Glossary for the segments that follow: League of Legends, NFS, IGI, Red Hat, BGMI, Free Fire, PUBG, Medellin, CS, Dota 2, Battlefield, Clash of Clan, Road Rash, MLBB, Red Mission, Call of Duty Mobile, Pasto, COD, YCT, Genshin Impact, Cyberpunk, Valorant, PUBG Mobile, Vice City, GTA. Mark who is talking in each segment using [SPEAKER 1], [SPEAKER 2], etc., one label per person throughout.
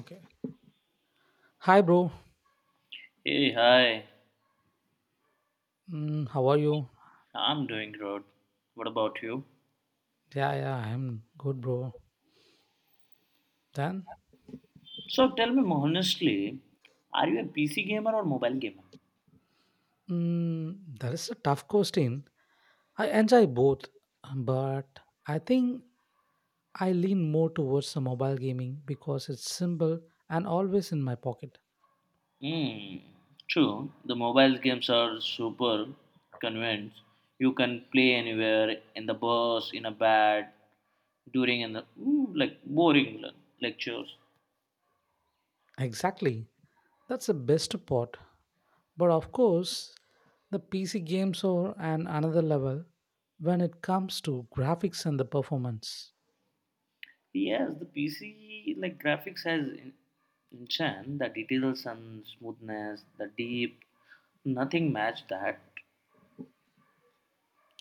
[SPEAKER 1] Okay. Hi, bro.
[SPEAKER 2] Hey, hi.
[SPEAKER 1] How are you?
[SPEAKER 2] I'm doing good. What about you?
[SPEAKER 1] Yeah, yeah, I'm good, bro. Then,
[SPEAKER 2] So tell me honestly, are you a PC gamer or mobile gamer?
[SPEAKER 1] that is a tough question. I enjoy both, but I think I lean more towards the mobile gaming because it's simple and always in my pocket.
[SPEAKER 2] Hmm. True, the mobile games are super convenient. You can play anywhere in the bus, in a bed, during in the like boring lectures.
[SPEAKER 1] Exactly. That's the best part. But of course, the PC games are an another level when it comes to graphics and the performance.
[SPEAKER 2] Yes, the PC like graphics has enchant the details and smoothness, the deep. Nothing match that.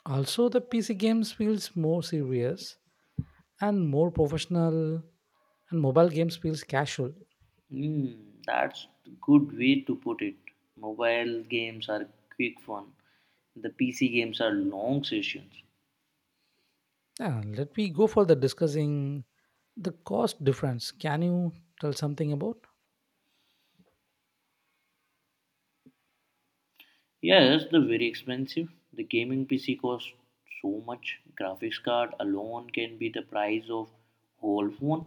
[SPEAKER 1] Also, the PC games feels more serious and more professional and mobile games feels casual.
[SPEAKER 2] Hmm, that's a good way to put it. Mobile games are quick fun. The PC games are long sessions.
[SPEAKER 1] Yeah, let me go for the discussing the cost difference. Can you tell something about
[SPEAKER 2] Yes, they're very expensive. The gaming PC costs so much. Graphics card alone can be the price of whole phone.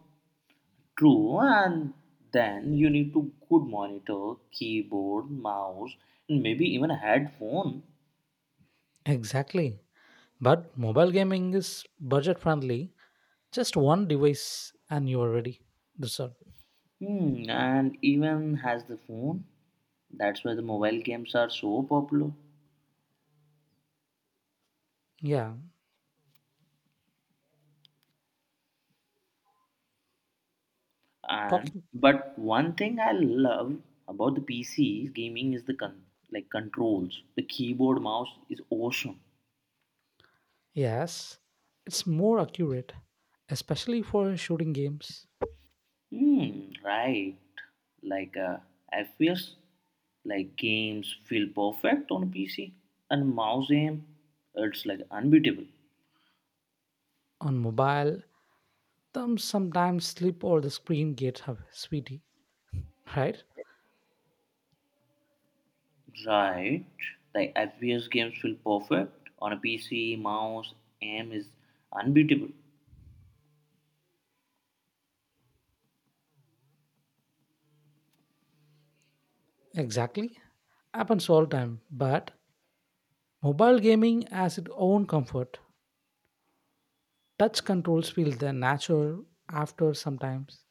[SPEAKER 2] True, and then you need to good monitor, keyboard, mouse, and maybe even a headphone.
[SPEAKER 1] exactly but mobile gaming is budget friendly, just one device and you are ready, that's all.
[SPEAKER 2] And even has the phone. That's why the mobile games are so popular.
[SPEAKER 1] Yeah,
[SPEAKER 2] And
[SPEAKER 1] talking.
[SPEAKER 2] but one thing I love about the PC gaming is the like controls, the keyboard mouse is awesome.
[SPEAKER 1] Yes, it's more accurate, especially for shooting games
[SPEAKER 2] Hmm, right. Like I like games feel perfect on PC, and mouse aim, it's like unbeatable.
[SPEAKER 1] on mobile. Thumbs sometimes slip or the screen gets heavy, sweetie. Right.
[SPEAKER 2] Right. Like FPS games feel perfect on a PC, mouse, aim is unbeatable.
[SPEAKER 1] Exactly. Happens all time. But mobile gaming has its own comfort. Touch controls feel the natural after sometimes.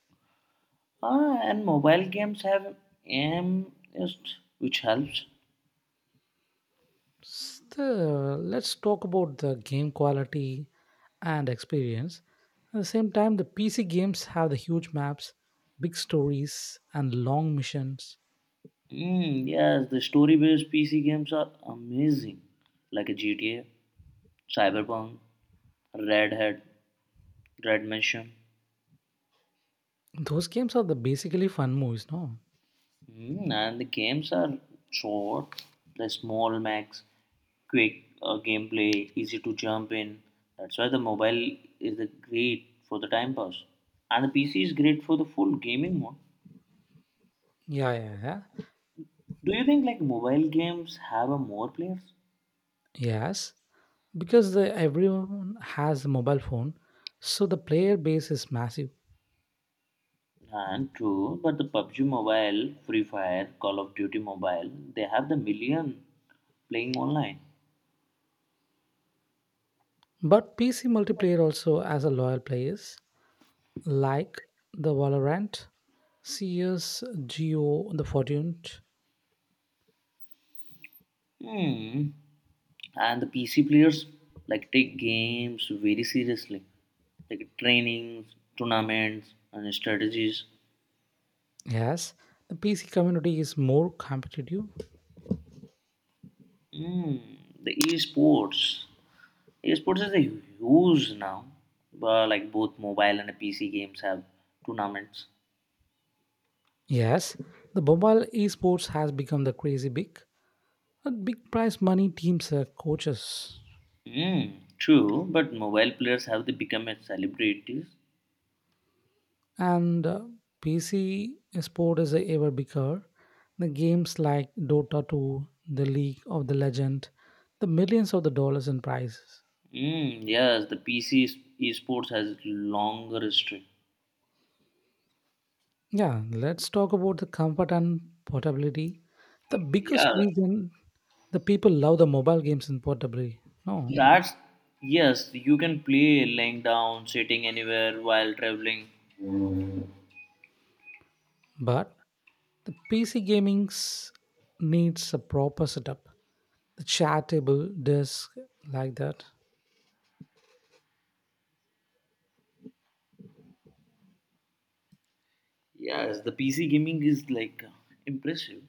[SPEAKER 2] Ah, and mobile games have aim assist, which helps.
[SPEAKER 1] Still, let's talk about the game quality and experience. At the same time, the PC games have the huge maps, big stories, and long missions.
[SPEAKER 2] Mm, yes, the story-based PC games are amazing, like a GTA, Cyberpunk, Red Hat, Red Mission.
[SPEAKER 1] Those games are the basically fun movies, no?
[SPEAKER 2] And the games are short, the small max, quick gameplay, easy to jump in. That's why the mobile is the great for the time pass, and the PC is great for the full gaming mode.
[SPEAKER 1] Yeah, yeah, yeah.
[SPEAKER 2] Do you think like mobile games have a more players?
[SPEAKER 1] Yes, because everyone has a mobile phone, so the player base is massive.
[SPEAKER 2] And true, but the PUBG Mobile, Free Fire, Call of Duty Mobile, they have the million playing online.
[SPEAKER 1] But PC multiplayer also has a loyal players like the Valorant, CS, Geo, the Fortune.
[SPEAKER 2] Hmm. And the PC players like take games very seriously, like trainings, tournaments, and strategies.
[SPEAKER 1] Yes, the PC community is more competitive.
[SPEAKER 2] Hmm. The esports is a huge now. But like both mobile and PC games have tournaments.
[SPEAKER 1] Yes, the mobile esports has become the crazy big. But big prize money teams are coaches.
[SPEAKER 2] Hmm. True, but mobile players have they become as celebrities.
[SPEAKER 1] And PC sport is ever bigger. The games like Dota 2, the League of the Legend, the millions of the dollars in prizes.
[SPEAKER 2] Mm, yes, the PC esports has longer history.
[SPEAKER 1] Yeah, let's talk about the comfort and portability. The
[SPEAKER 2] Yeah,
[SPEAKER 1] biggest reason the people love the mobile games in portability. No,
[SPEAKER 2] that's yes. You can play laying down, sitting anywhere while traveling.
[SPEAKER 1] but the PC gaming's needs a proper setup. The chair table, desk, like that.
[SPEAKER 2] Yes, the PC gaming is like impressive.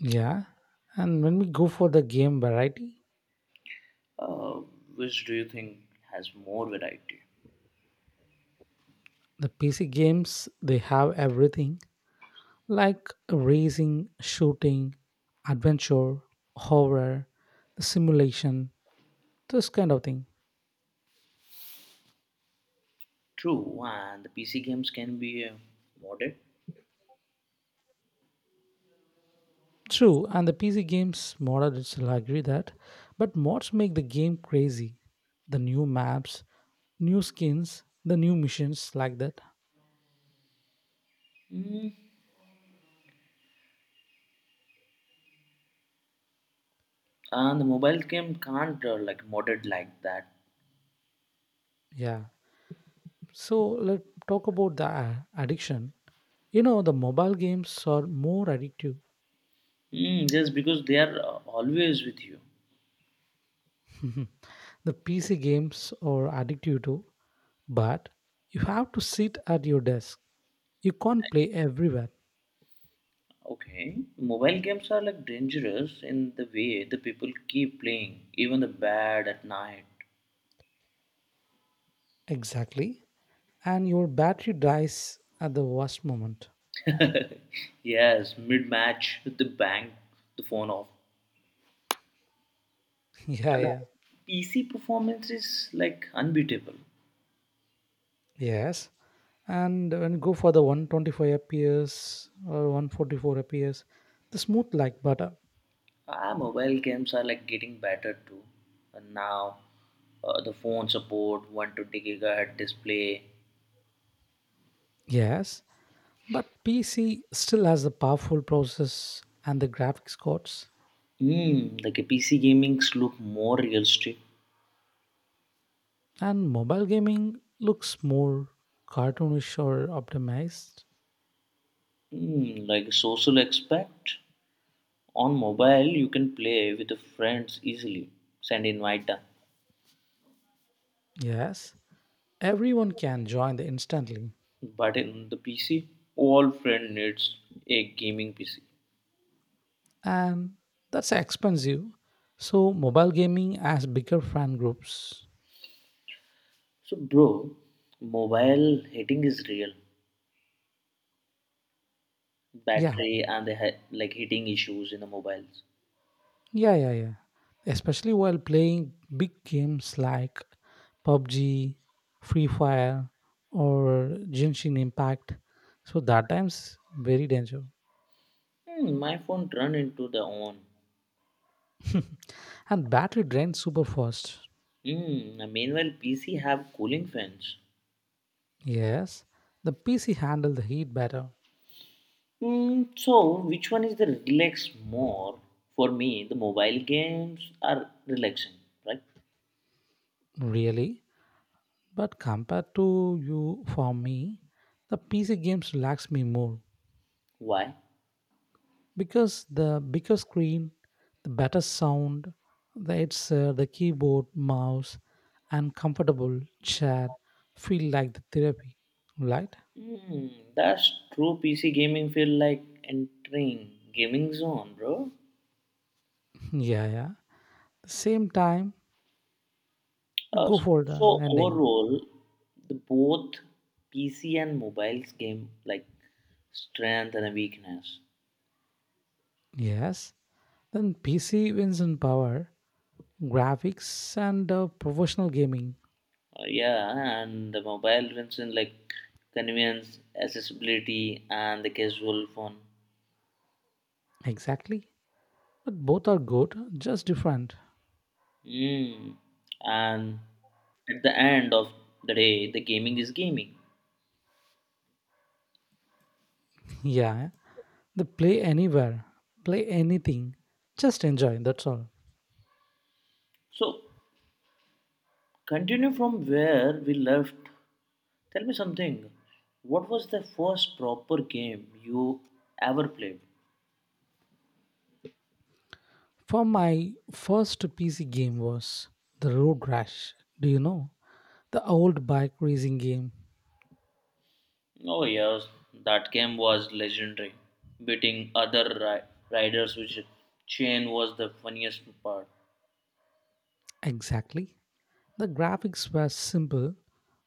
[SPEAKER 1] Yeah. And when we go for the game variety,
[SPEAKER 2] Uh, which do you think has more variety?
[SPEAKER 1] the PC games, they have everything like racing, shooting, adventure, horror, the simulation, this kind of thing.
[SPEAKER 2] True, and the PC games can be modded.
[SPEAKER 1] True, and the PC games model itself, agree that. But mods make the game crazy. The new maps, new skins, the new missions like that.
[SPEAKER 2] Mm. And the mobile game can't like modded like that.
[SPEAKER 1] Yeah. So let's talk about the addiction. You know, the mobile games are more addictive.
[SPEAKER 2] Just because they are always with you.
[SPEAKER 1] The PC games are addictive too, but you have to sit at your desk. You can't play everywhere.
[SPEAKER 2] Okay, mobile games are like dangerous in the way the people keep playing, even the bad at night.
[SPEAKER 1] Exactly. And your battery dies at the worst moment.
[SPEAKER 2] Yes, mid match with the bang the phone off.
[SPEAKER 1] Yeah,
[SPEAKER 2] And the
[SPEAKER 1] yeah.
[SPEAKER 2] PC performance is like unbeatable.
[SPEAKER 1] Yes, and when you go for the 125 FPS or 144 FPS, the smooth like butter.
[SPEAKER 2] Ah, mobile games are like getting better too. And now the phone support 120 gigahertz display.
[SPEAKER 1] Yes, but PC still has the powerful process and the graphics cards,
[SPEAKER 2] Like a PC gamings look more realistic.
[SPEAKER 1] and mobile gaming looks more cartoonish or optimized.
[SPEAKER 2] Like a social aspect. On mobile, you can play with the friends easily, send invite them.
[SPEAKER 1] Yes, everyone can join the instantly,
[SPEAKER 2] But in the PC, all friend needs a gaming PC.
[SPEAKER 1] and that's expensive. So mobile gaming has bigger fan groups.
[SPEAKER 2] So, bro, mobile hitting is real.
[SPEAKER 1] Yeah,
[SPEAKER 2] Battery and the like hitting issues in the mobiles.
[SPEAKER 1] yeah, yeah, yeah. Especially while playing big games like PUBG, Free Fire, or Genshin Impact. So that time's very dangerous.
[SPEAKER 2] My phone run into the on.
[SPEAKER 1] And battery drains super fast.
[SPEAKER 2] Hmm. Meanwhile, PC have cooling fans.
[SPEAKER 1] Yes, the PC handle the heat better,
[SPEAKER 2] Hmm. So, which one is the relax more? For me, the mobile games are relaxing, right?
[SPEAKER 1] really. But compared to you, for me, the PC games relax me more,
[SPEAKER 2] Why?
[SPEAKER 1] because the bigger screen, the better sound, the keyboard mouse and comfortable chair feel like the therapy. Right.
[SPEAKER 2] Hmm, that's true. PC gaming feel like entering gaming zone, bro.
[SPEAKER 1] Yeah, yeah. Same time,
[SPEAKER 2] Uh,
[SPEAKER 1] go for the
[SPEAKER 2] so
[SPEAKER 1] ending.
[SPEAKER 2] overall, the both PC and mobiles game like strength and a weakness.
[SPEAKER 1] Yes, then PC wins in power, graphics, and professional gaming.
[SPEAKER 2] Yeah, and the mobile wins in like convenience, accessibility, and the casual fun.
[SPEAKER 1] Exactly, but both are good, just different.
[SPEAKER 2] Hmm, and at the end of the day, the gaming is gaming.
[SPEAKER 1] Yeah, they play anywhere, play anything, just enjoy, that's all.
[SPEAKER 2] So continue from where we left. Tell me something. What was the first proper game you ever played?
[SPEAKER 1] For my first PC game was the Road Rash. Do you know? The old bike racing game.
[SPEAKER 2] Oh, yes, that game was legendary. Beating other riders, which chain was the funniest part.
[SPEAKER 1] Exactly. The graphics were simple,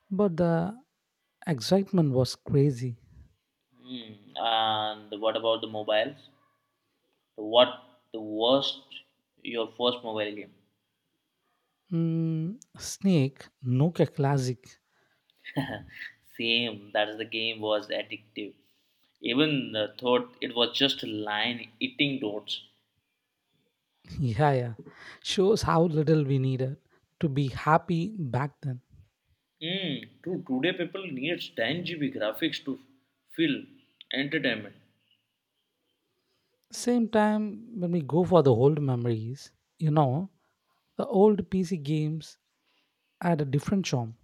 [SPEAKER 1] but the excitement was crazy.
[SPEAKER 2] Hmm. And what about the mobiles? What the worst your first mobile game?
[SPEAKER 1] Snake, Nokia Classic.
[SPEAKER 2] Same, that's the game was addictive. Even thought it was just a line eating dots.
[SPEAKER 1] Yeah, yeah. Shows how little we needed to be happy back then.
[SPEAKER 2] Mm, true. Today people needs 10 GB graphics to feel entertainment.
[SPEAKER 1] Same time, when we go for the old memories, you know, the old PC games had a different charm.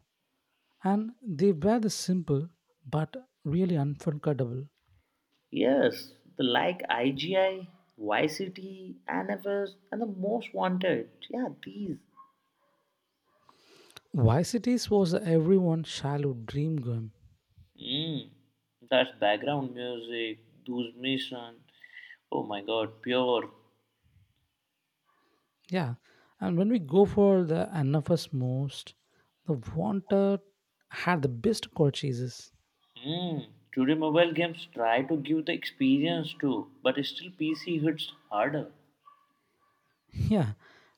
[SPEAKER 1] And they were the simple but really unforgettable.
[SPEAKER 2] Yes, the like IGI, YCT, NFS, and the most wanted. Yeah, these.
[SPEAKER 1] Vice Cities was everyone's childhood dream game.
[SPEAKER 2] Mm, that's background music, those mission. Oh my god, pure.
[SPEAKER 1] Yeah, and when we go for the NFS most, the Wanted had the best purchases.
[SPEAKER 2] Mm, Today mobile games try to give the experience too, but still PC hits harder.
[SPEAKER 1] Yeah,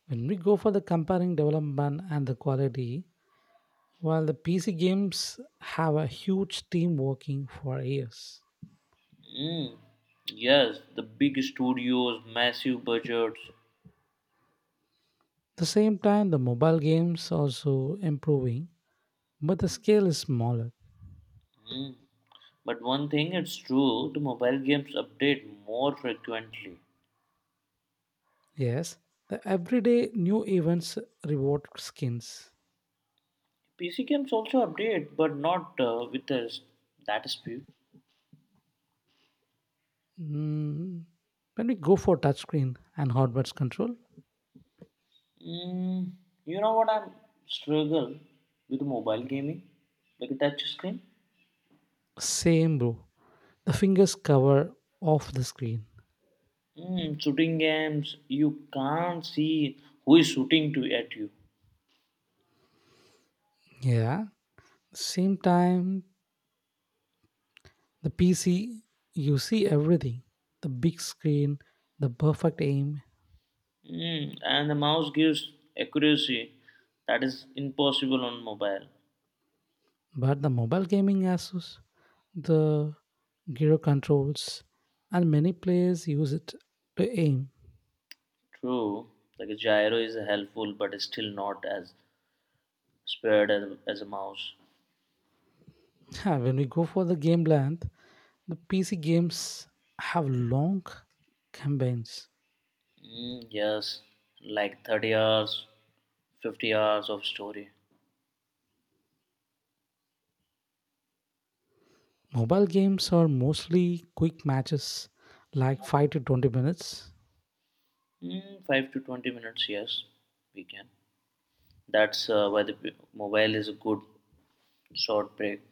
[SPEAKER 1] when we go for the comparing development and the quality, while the PC games have a huge team working for years.
[SPEAKER 2] Mm, yes, the big studios, massive budgets.
[SPEAKER 1] The same time, the mobile games also improving, but the scale is smaller.
[SPEAKER 2] Mm. But one thing it's true, the mobile games update more frequently.
[SPEAKER 1] Yes, the everyday new events reward skins.
[SPEAKER 2] PC games also update, but not with the, that speed.
[SPEAKER 1] Mm, When we go for touchscreen and hardware control,
[SPEAKER 2] Mm, you know what I struggle with mobile gaming, like touch screen.
[SPEAKER 1] same bro. The fingers cover off the screen.
[SPEAKER 2] Shooting games, you can't see who is shooting to at you.
[SPEAKER 1] Yeah, same time the PC you see everything, the big screen, the perfect aim,
[SPEAKER 2] And the mouse gives accuracy that is impossible on mobile.
[SPEAKER 1] but the mobile gaming Asus, the gyro controls, and many players use it to aim.
[SPEAKER 2] True, like a gyro is helpful, but it's still not as spread as a mouse.
[SPEAKER 1] Yeah, when we go for the game land. The PC games have long campaigns.
[SPEAKER 2] Mm, yes, like 30 hours, 50 hours of story.
[SPEAKER 1] Mobile games are mostly quick matches like 5 to 20 minutes.
[SPEAKER 2] 5 to 20 minutes, yes, we can. That's why the mobile is a good short break.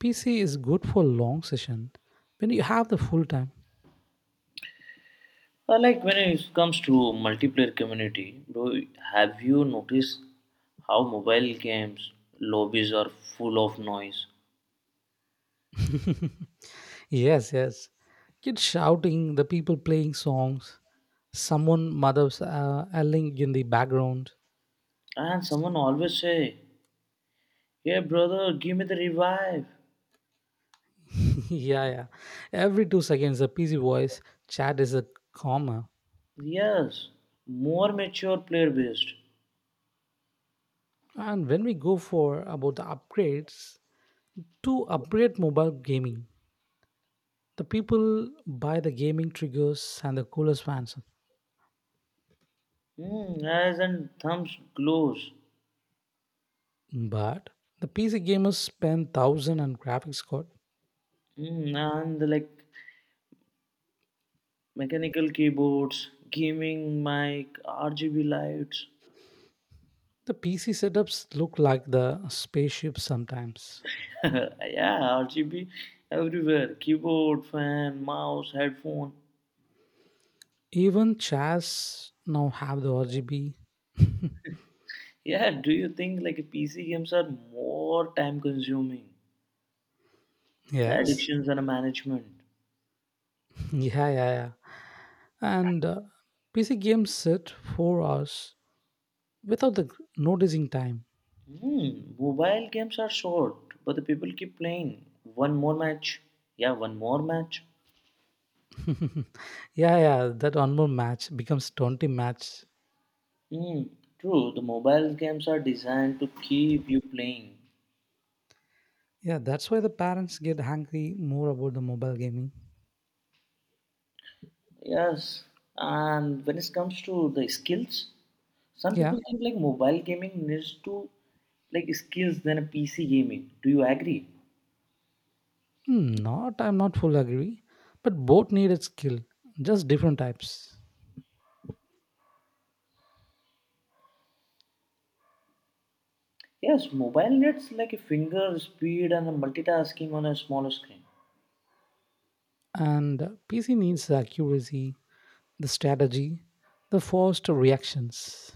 [SPEAKER 1] PC is good for long session when you have the full time.
[SPEAKER 2] Like when it comes to multiplayer community, bro, have you noticed how mobile games lobbies are full of noise?
[SPEAKER 1] Yes, yes. Kids shouting, the people playing songs, someone mother's yelling in the background.
[SPEAKER 2] And someone always say, "Hey brother, give me the revive."
[SPEAKER 1] Yeah, yeah. Every 2 seconds, the PC voice chat is a comma.
[SPEAKER 2] Yes, more mature player based.
[SPEAKER 1] And when we go for about the upgrades, to upgrade mobile gaming. The people buy the gaming triggers and the coolest fans.
[SPEAKER 2] As and thumbs glows.
[SPEAKER 1] But the PC gamers spend thousand on graphics card.
[SPEAKER 2] And like mechanical keyboards, gaming mic, RGB lights.
[SPEAKER 1] The PC setups look like the spaceships sometimes.
[SPEAKER 2] Yeah, RGB everywhere. Keyboard, fan, mouse, headphone.
[SPEAKER 1] Even chairs now have the RGB.
[SPEAKER 2] Yeah, do you think like PC games are more time consuming? The
[SPEAKER 1] Yes.
[SPEAKER 2] addictions and management.
[SPEAKER 1] Yeah, yeah, yeah. And PC games sit 4 hours without the noticing time.
[SPEAKER 2] Mobile games are short, but the people keep playing. One more match. Yeah, one more match.
[SPEAKER 1] Yeah, yeah. That one more match becomes 20 match.
[SPEAKER 2] Hmm, true. The mobile games are designed to keep you playing.
[SPEAKER 1] Yeah, that's why the parents get angry more about the mobile gaming.
[SPEAKER 2] Yes, and when it comes to the skills, some
[SPEAKER 1] Yeah.
[SPEAKER 2] people think like mobile gaming needs to like skills than a PC gaming. Do you agree?
[SPEAKER 1] Hmm, not I'm not full agree, but both needed skill, just different types.
[SPEAKER 2] Yes, mobile needs like a finger speed and a multitasking on a smaller screen.
[SPEAKER 1] And PC needs the accuracy, the strategy, the forced reactions.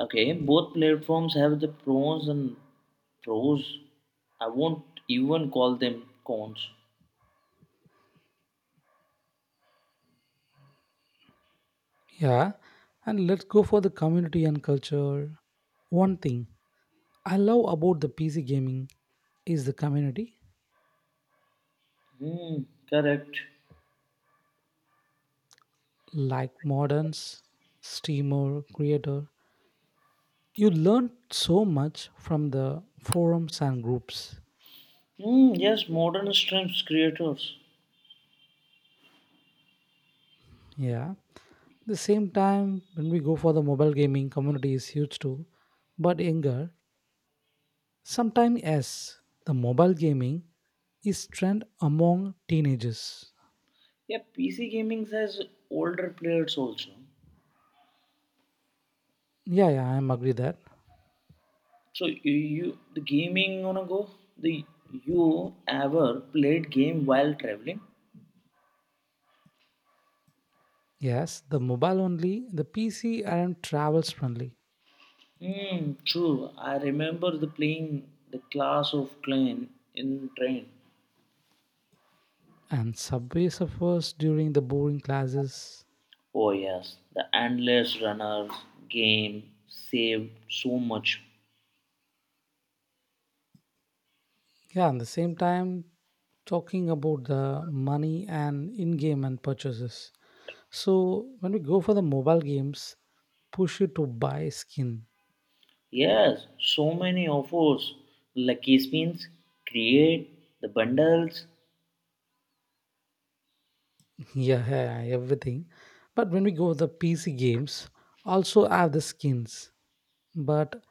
[SPEAKER 2] Okay, both platforms have the pros and pros. I won't even call them cons.
[SPEAKER 1] Yeah, and let's go for the community and culture. One thing I love about the PC gaming is the community,
[SPEAKER 2] Hmm, correct.
[SPEAKER 1] like moderns, streamer, creator. You learn so much from the forums and groups.
[SPEAKER 2] Hmm, yes, modern streams creators.
[SPEAKER 1] Yeah, the same time, when we go for the mobile gaming community is huge too, but younger sometimes. Yes, the mobile gaming is trend among teenagers.
[SPEAKER 2] Yeah, PC gaming has older players also.
[SPEAKER 1] Yeah, yeah, I'm agree that.
[SPEAKER 2] So you the gaming on a go. The you ever played game while traveling?
[SPEAKER 1] Yes, the mobile only, the PC aren't travels friendly.
[SPEAKER 2] Hmm, true. I remember the playing the class of clan in train.
[SPEAKER 1] And Subway Surfers during the boring classes.
[SPEAKER 2] Oh yes, the endless runners game saved so much.
[SPEAKER 1] Yeah, at the same time, talking about the money and in-game and purchases. So when we go for the mobile games, push you to buy skin.
[SPEAKER 2] Yes, so many offers, lucky spins, create the bundles.
[SPEAKER 1] Yeah, yeah, everything. But when we go the PC games, also have the skins, but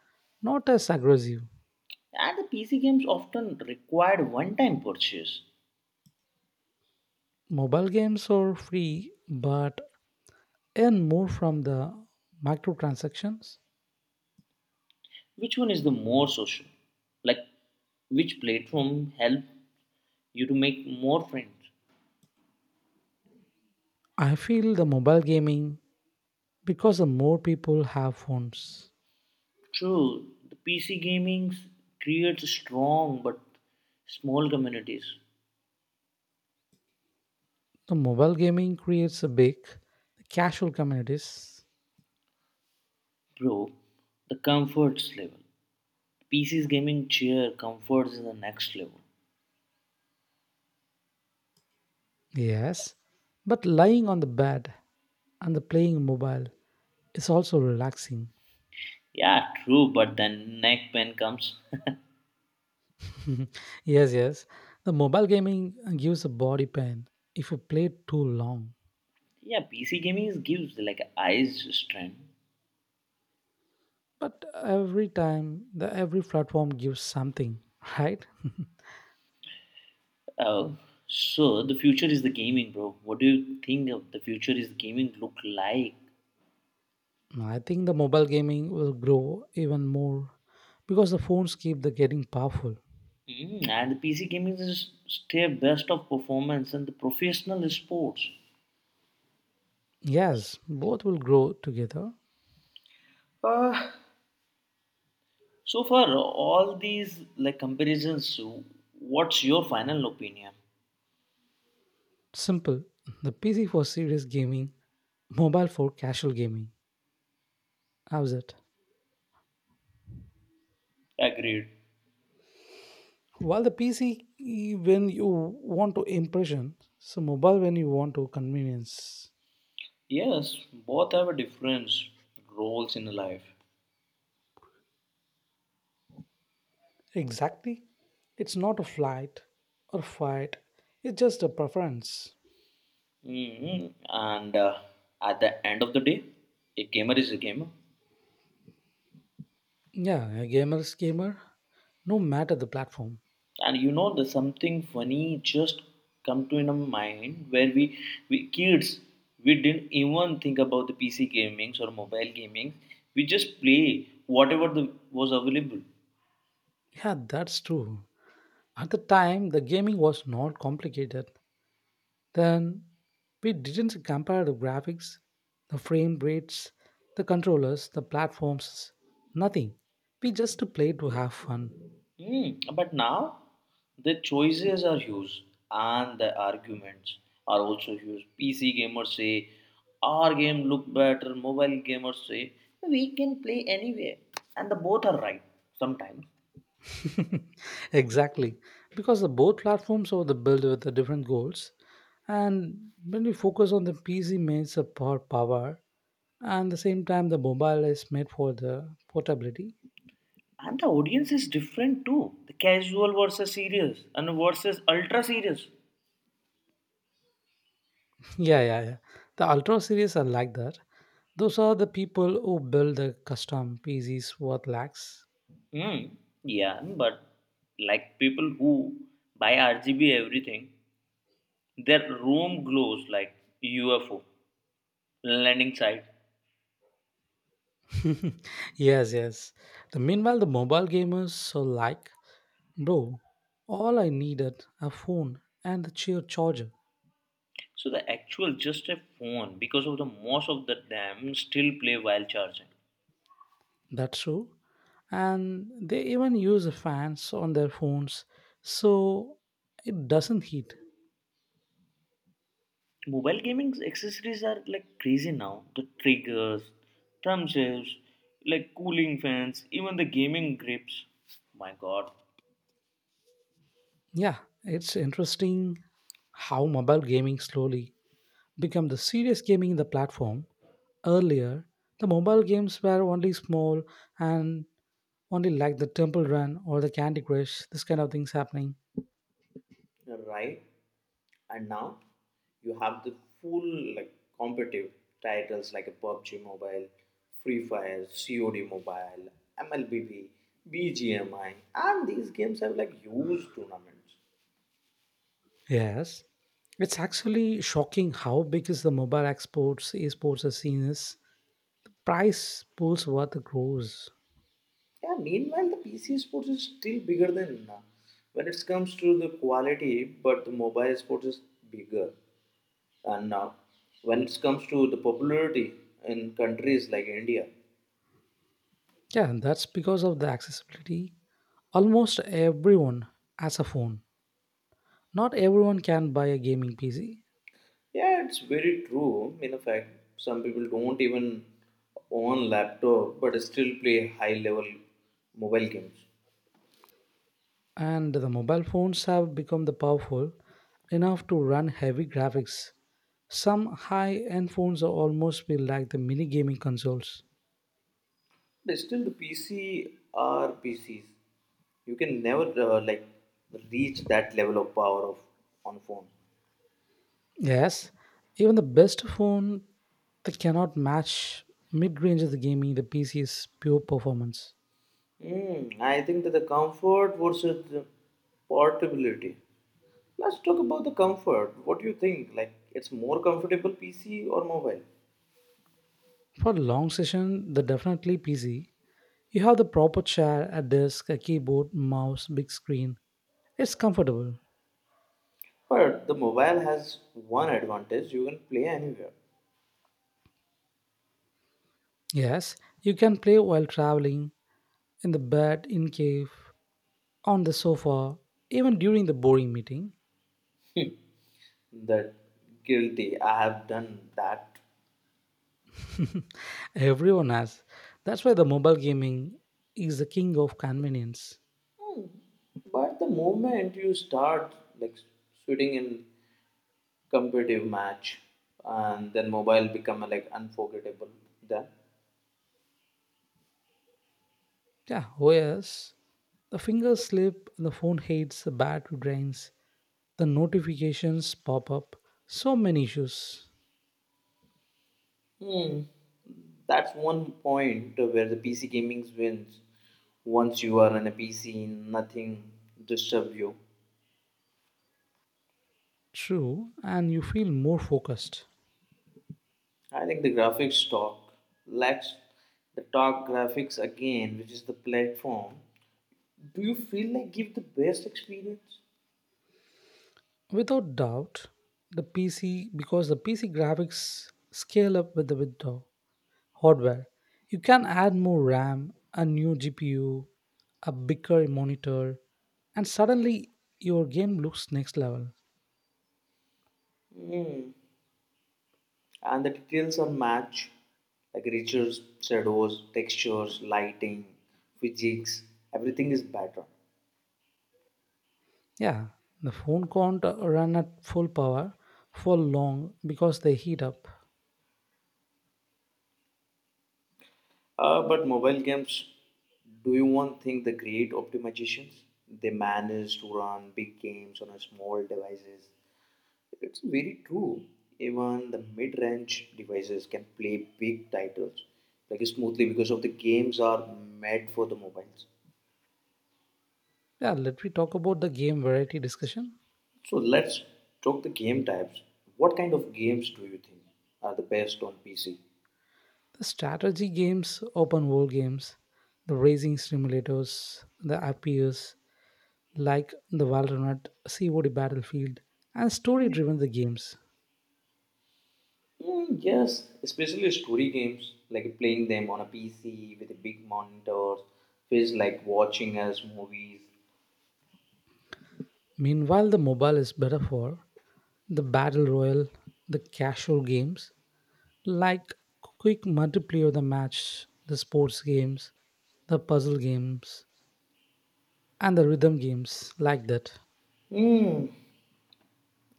[SPEAKER 1] not as aggressive.
[SPEAKER 2] And the PC games often required one time purchase.
[SPEAKER 1] Mobile games are free, but earn more from the microtransactions.
[SPEAKER 2] Which one is the more social? Like, which platform help you to make more friends?
[SPEAKER 1] I feel the mobile gaming because the more people have phones,
[SPEAKER 2] True, the PC gaming creates strong but small communities.
[SPEAKER 1] the mobile gaming creates a big casual communities.
[SPEAKER 2] Bro, the comforts level. PC's gaming chair comforts is the next level.
[SPEAKER 1] Yes, but lying on the bed and the playing mobile is also relaxing.
[SPEAKER 2] Yeah, true, but then neck pain comes.
[SPEAKER 1] Yes, yes. The mobile gaming gives a body pain if you play too long.
[SPEAKER 2] Yeah, PC gaming is gives like eyes strength.
[SPEAKER 1] But every time, the every platform gives something, right?
[SPEAKER 2] Uh, so the future is the gaming, bro. What do you think of the future is gaming look like?
[SPEAKER 1] I think the mobile gaming will grow even more because the phones keep the getting powerful.
[SPEAKER 2] And the PC gaming is still best of performance and the professional sports.
[SPEAKER 1] Yes, both will grow together.
[SPEAKER 2] Uh, So far, all these like comparisons, what's your final opinion?
[SPEAKER 1] Simple. The PC for serious gaming, mobile for casual gaming. How's it?
[SPEAKER 2] Agreed.
[SPEAKER 1] While the PC, when you want to impression, so mobile when you want to convenience.
[SPEAKER 2] Yes, both have a different roles in life.
[SPEAKER 1] Exactly. It's not a flight or fight. It's just a preference.
[SPEAKER 2] Hmm. And at the end of the day, a gamer is a gamer.
[SPEAKER 1] Yeah, a gamer's gamer, no matter the platform.
[SPEAKER 2] And there's something funny just come to in our mind where we kids, we didn't even think about the PC gamings or mobile gaming. We just play whatever the, was available.
[SPEAKER 1] Yeah, that's true. At the time, the gaming was not complicated. Then we didn't compare the graphics, the frame rates, the controllers, the platforms, nothing. We just played to have fun.
[SPEAKER 2] Hmm. But now, the choices are huge and the arguments are also huge. PC gamers say, our game look better. Mobile gamers say, we can play anywhere. And the both are right sometimes.
[SPEAKER 1] Exactly, because the both platforms are the built with the different goals, and when we focus on the PC made for power, and the same time the mobile is made for the portability.
[SPEAKER 2] And the audience is different too. The casual versus serious and versus ultra serious.
[SPEAKER 1] Yeah, yeah, yeah. The Ultra series are like that. Those are the people who build the custom PCs worth lakhs.
[SPEAKER 2] Hmm. Yeah, but like people who buy RGB everything, their room glows like UFO landing site.
[SPEAKER 1] Yes, yes. The meanwhile, the mobile gamers so like, bro. All I needed a phone and the chair charger.
[SPEAKER 2] So the actual just a phone because of the most of the them still play while charging.
[SPEAKER 1] That's true. And they even use fans on their phones so it doesn't heat.
[SPEAKER 2] Mobile gaming accessories are like crazy now. The triggers, thumbsticks, like cooling fans, even the gaming grips. My God.
[SPEAKER 1] Yeah, it's interesting how mobile gaming slowly become the serious gaming in the platform. Earlier, the mobile games were only small and only like the Temple Run or the Candy Crush, this kind of things happening.
[SPEAKER 2] Right, and now you have the full like competitive titles like a pubg mobile, free fire, cod mobile, mlbb, bgmi, and these games have like huge tournaments.
[SPEAKER 1] Yes. It's actually shocking how big is the mobile exports, esports scene is. Price pools worth the gross.
[SPEAKER 2] Yeah, meanwhile the pc sports is still bigger than when it comes to the quality, but the mobile sports is bigger and now when it comes to the popularity in countries like india.
[SPEAKER 1] Yeah, and that's because of the accessibility. Almost everyone has a phone. Not everyone can buy a gaming PC,
[SPEAKER 2] Yeah, it's very true. In fact, some people don't even own laptop but still play high level mobile games.
[SPEAKER 1] and the mobile phones have become the powerful enough to run heavy graphics. Some high-end phones are almost feel like the mini gaming consoles.
[SPEAKER 2] But still, the PC are PCs. You can never like reach that level of power of on phone.
[SPEAKER 1] Yes, even the best phone that cannot match mid-range of the gaming the PC's pure performance.
[SPEAKER 2] I think that the comfort versus the portability. Let's talk about the comfort. What do you think? Like, it's more comfortable PC or mobile?
[SPEAKER 1] For long session, the definitely PC. You have the proper chair, a desk, a keyboard, mouse, big screen. It's comfortable.
[SPEAKER 2] But the mobile has one advantage: you can play anywhere.
[SPEAKER 1] Yes, you can play while traveling, in the bed, in cave, on the sofa, even during the boring meeting.
[SPEAKER 2] That guilty, I have done that.
[SPEAKER 1] Everyone has. That's why the mobile gaming is the king of convenience.
[SPEAKER 2] But the moment you start like shooting in competitive match and then mobile become like unforgettable then.
[SPEAKER 1] Yeah, OS. The fingers slip, the phone hates, the battery drains, the notifications pop up. So many issues.
[SPEAKER 2] Hmm, that's one point where the pc gaming wins. Once you are in a pc, nothing disturb you.
[SPEAKER 1] True, and you feel more focused.
[SPEAKER 2] I think the graphics talk lacks the talk graphics again, which is the platform do you feel like give the best experience?
[SPEAKER 1] Without doubt, the PC because the PC graphics scale up with the window hardware. You can add more RAM, a new GPU, a bigger monitor, and suddenly your game looks next level.
[SPEAKER 2] And the details are match, like riches, shadows, textures, lighting, physics, everything is better.
[SPEAKER 1] Yeah, the phone can't run at full power for long because they heat up.
[SPEAKER 2] But mobile games, do you want think the great optimizations? They manage to run big games on a small devices. It's very true. Even the mid-range devices can play big titles like smoothly because of the games are made for the mobiles.
[SPEAKER 1] Yeah, let me talk about the game variety discussion.
[SPEAKER 2] So let's talk the game types. What kind of games do you think are the best on PC?
[SPEAKER 1] The strategy games, open world games, the racing simulators, the FPS, like the Valorant, COD Battlefield, and story driven the games.
[SPEAKER 2] Mm, yes, especially story games, like playing them on a PC with a big monitor, feels like watching as movies.
[SPEAKER 1] Meanwhile, the mobile is better for the battle royale, the casual games like quick multiplayer the match, the sports games, the puzzle games, and the rhythm games like that.
[SPEAKER 2] Mm.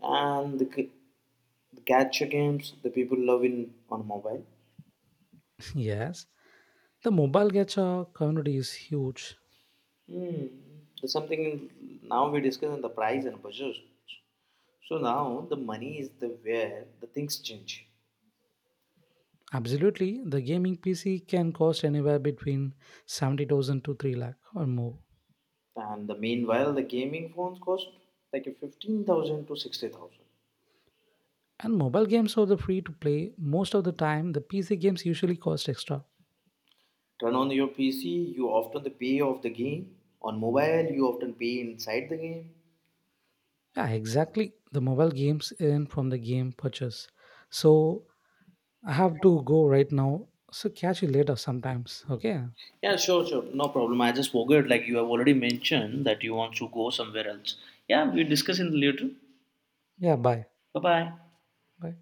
[SPEAKER 2] And the gacha games the people love in on mobile.
[SPEAKER 1] Yes, the mobile gacha community is huge.
[SPEAKER 2] Mm. There's something in, now we discuss on the price and budget. So now the money is the where the things change.
[SPEAKER 1] Absolutely, the gaming PC can cost anywhere between 70,000 to 3 lakh or more.
[SPEAKER 2] And the meanwhile, the gaming phones cost like a 15,000 to 60,000.
[SPEAKER 1] And mobile games are the free to play most of the time. The PC games usually cost extra.
[SPEAKER 2] Turn on your PC, you often the pay of the game. On mobile, you often pay inside the game.
[SPEAKER 1] Yeah, exactly. The mobile games earn from the game purchase. So I have to go right now. So catch you later sometimes. Okay.
[SPEAKER 2] Yeah, sure, sure. No problem. I just forgot, like you have already mentioned that you want to go somewhere else. Yeah, we discuss in later.
[SPEAKER 1] Yeah. Bye.
[SPEAKER 2] Bye bye.
[SPEAKER 1] Bye.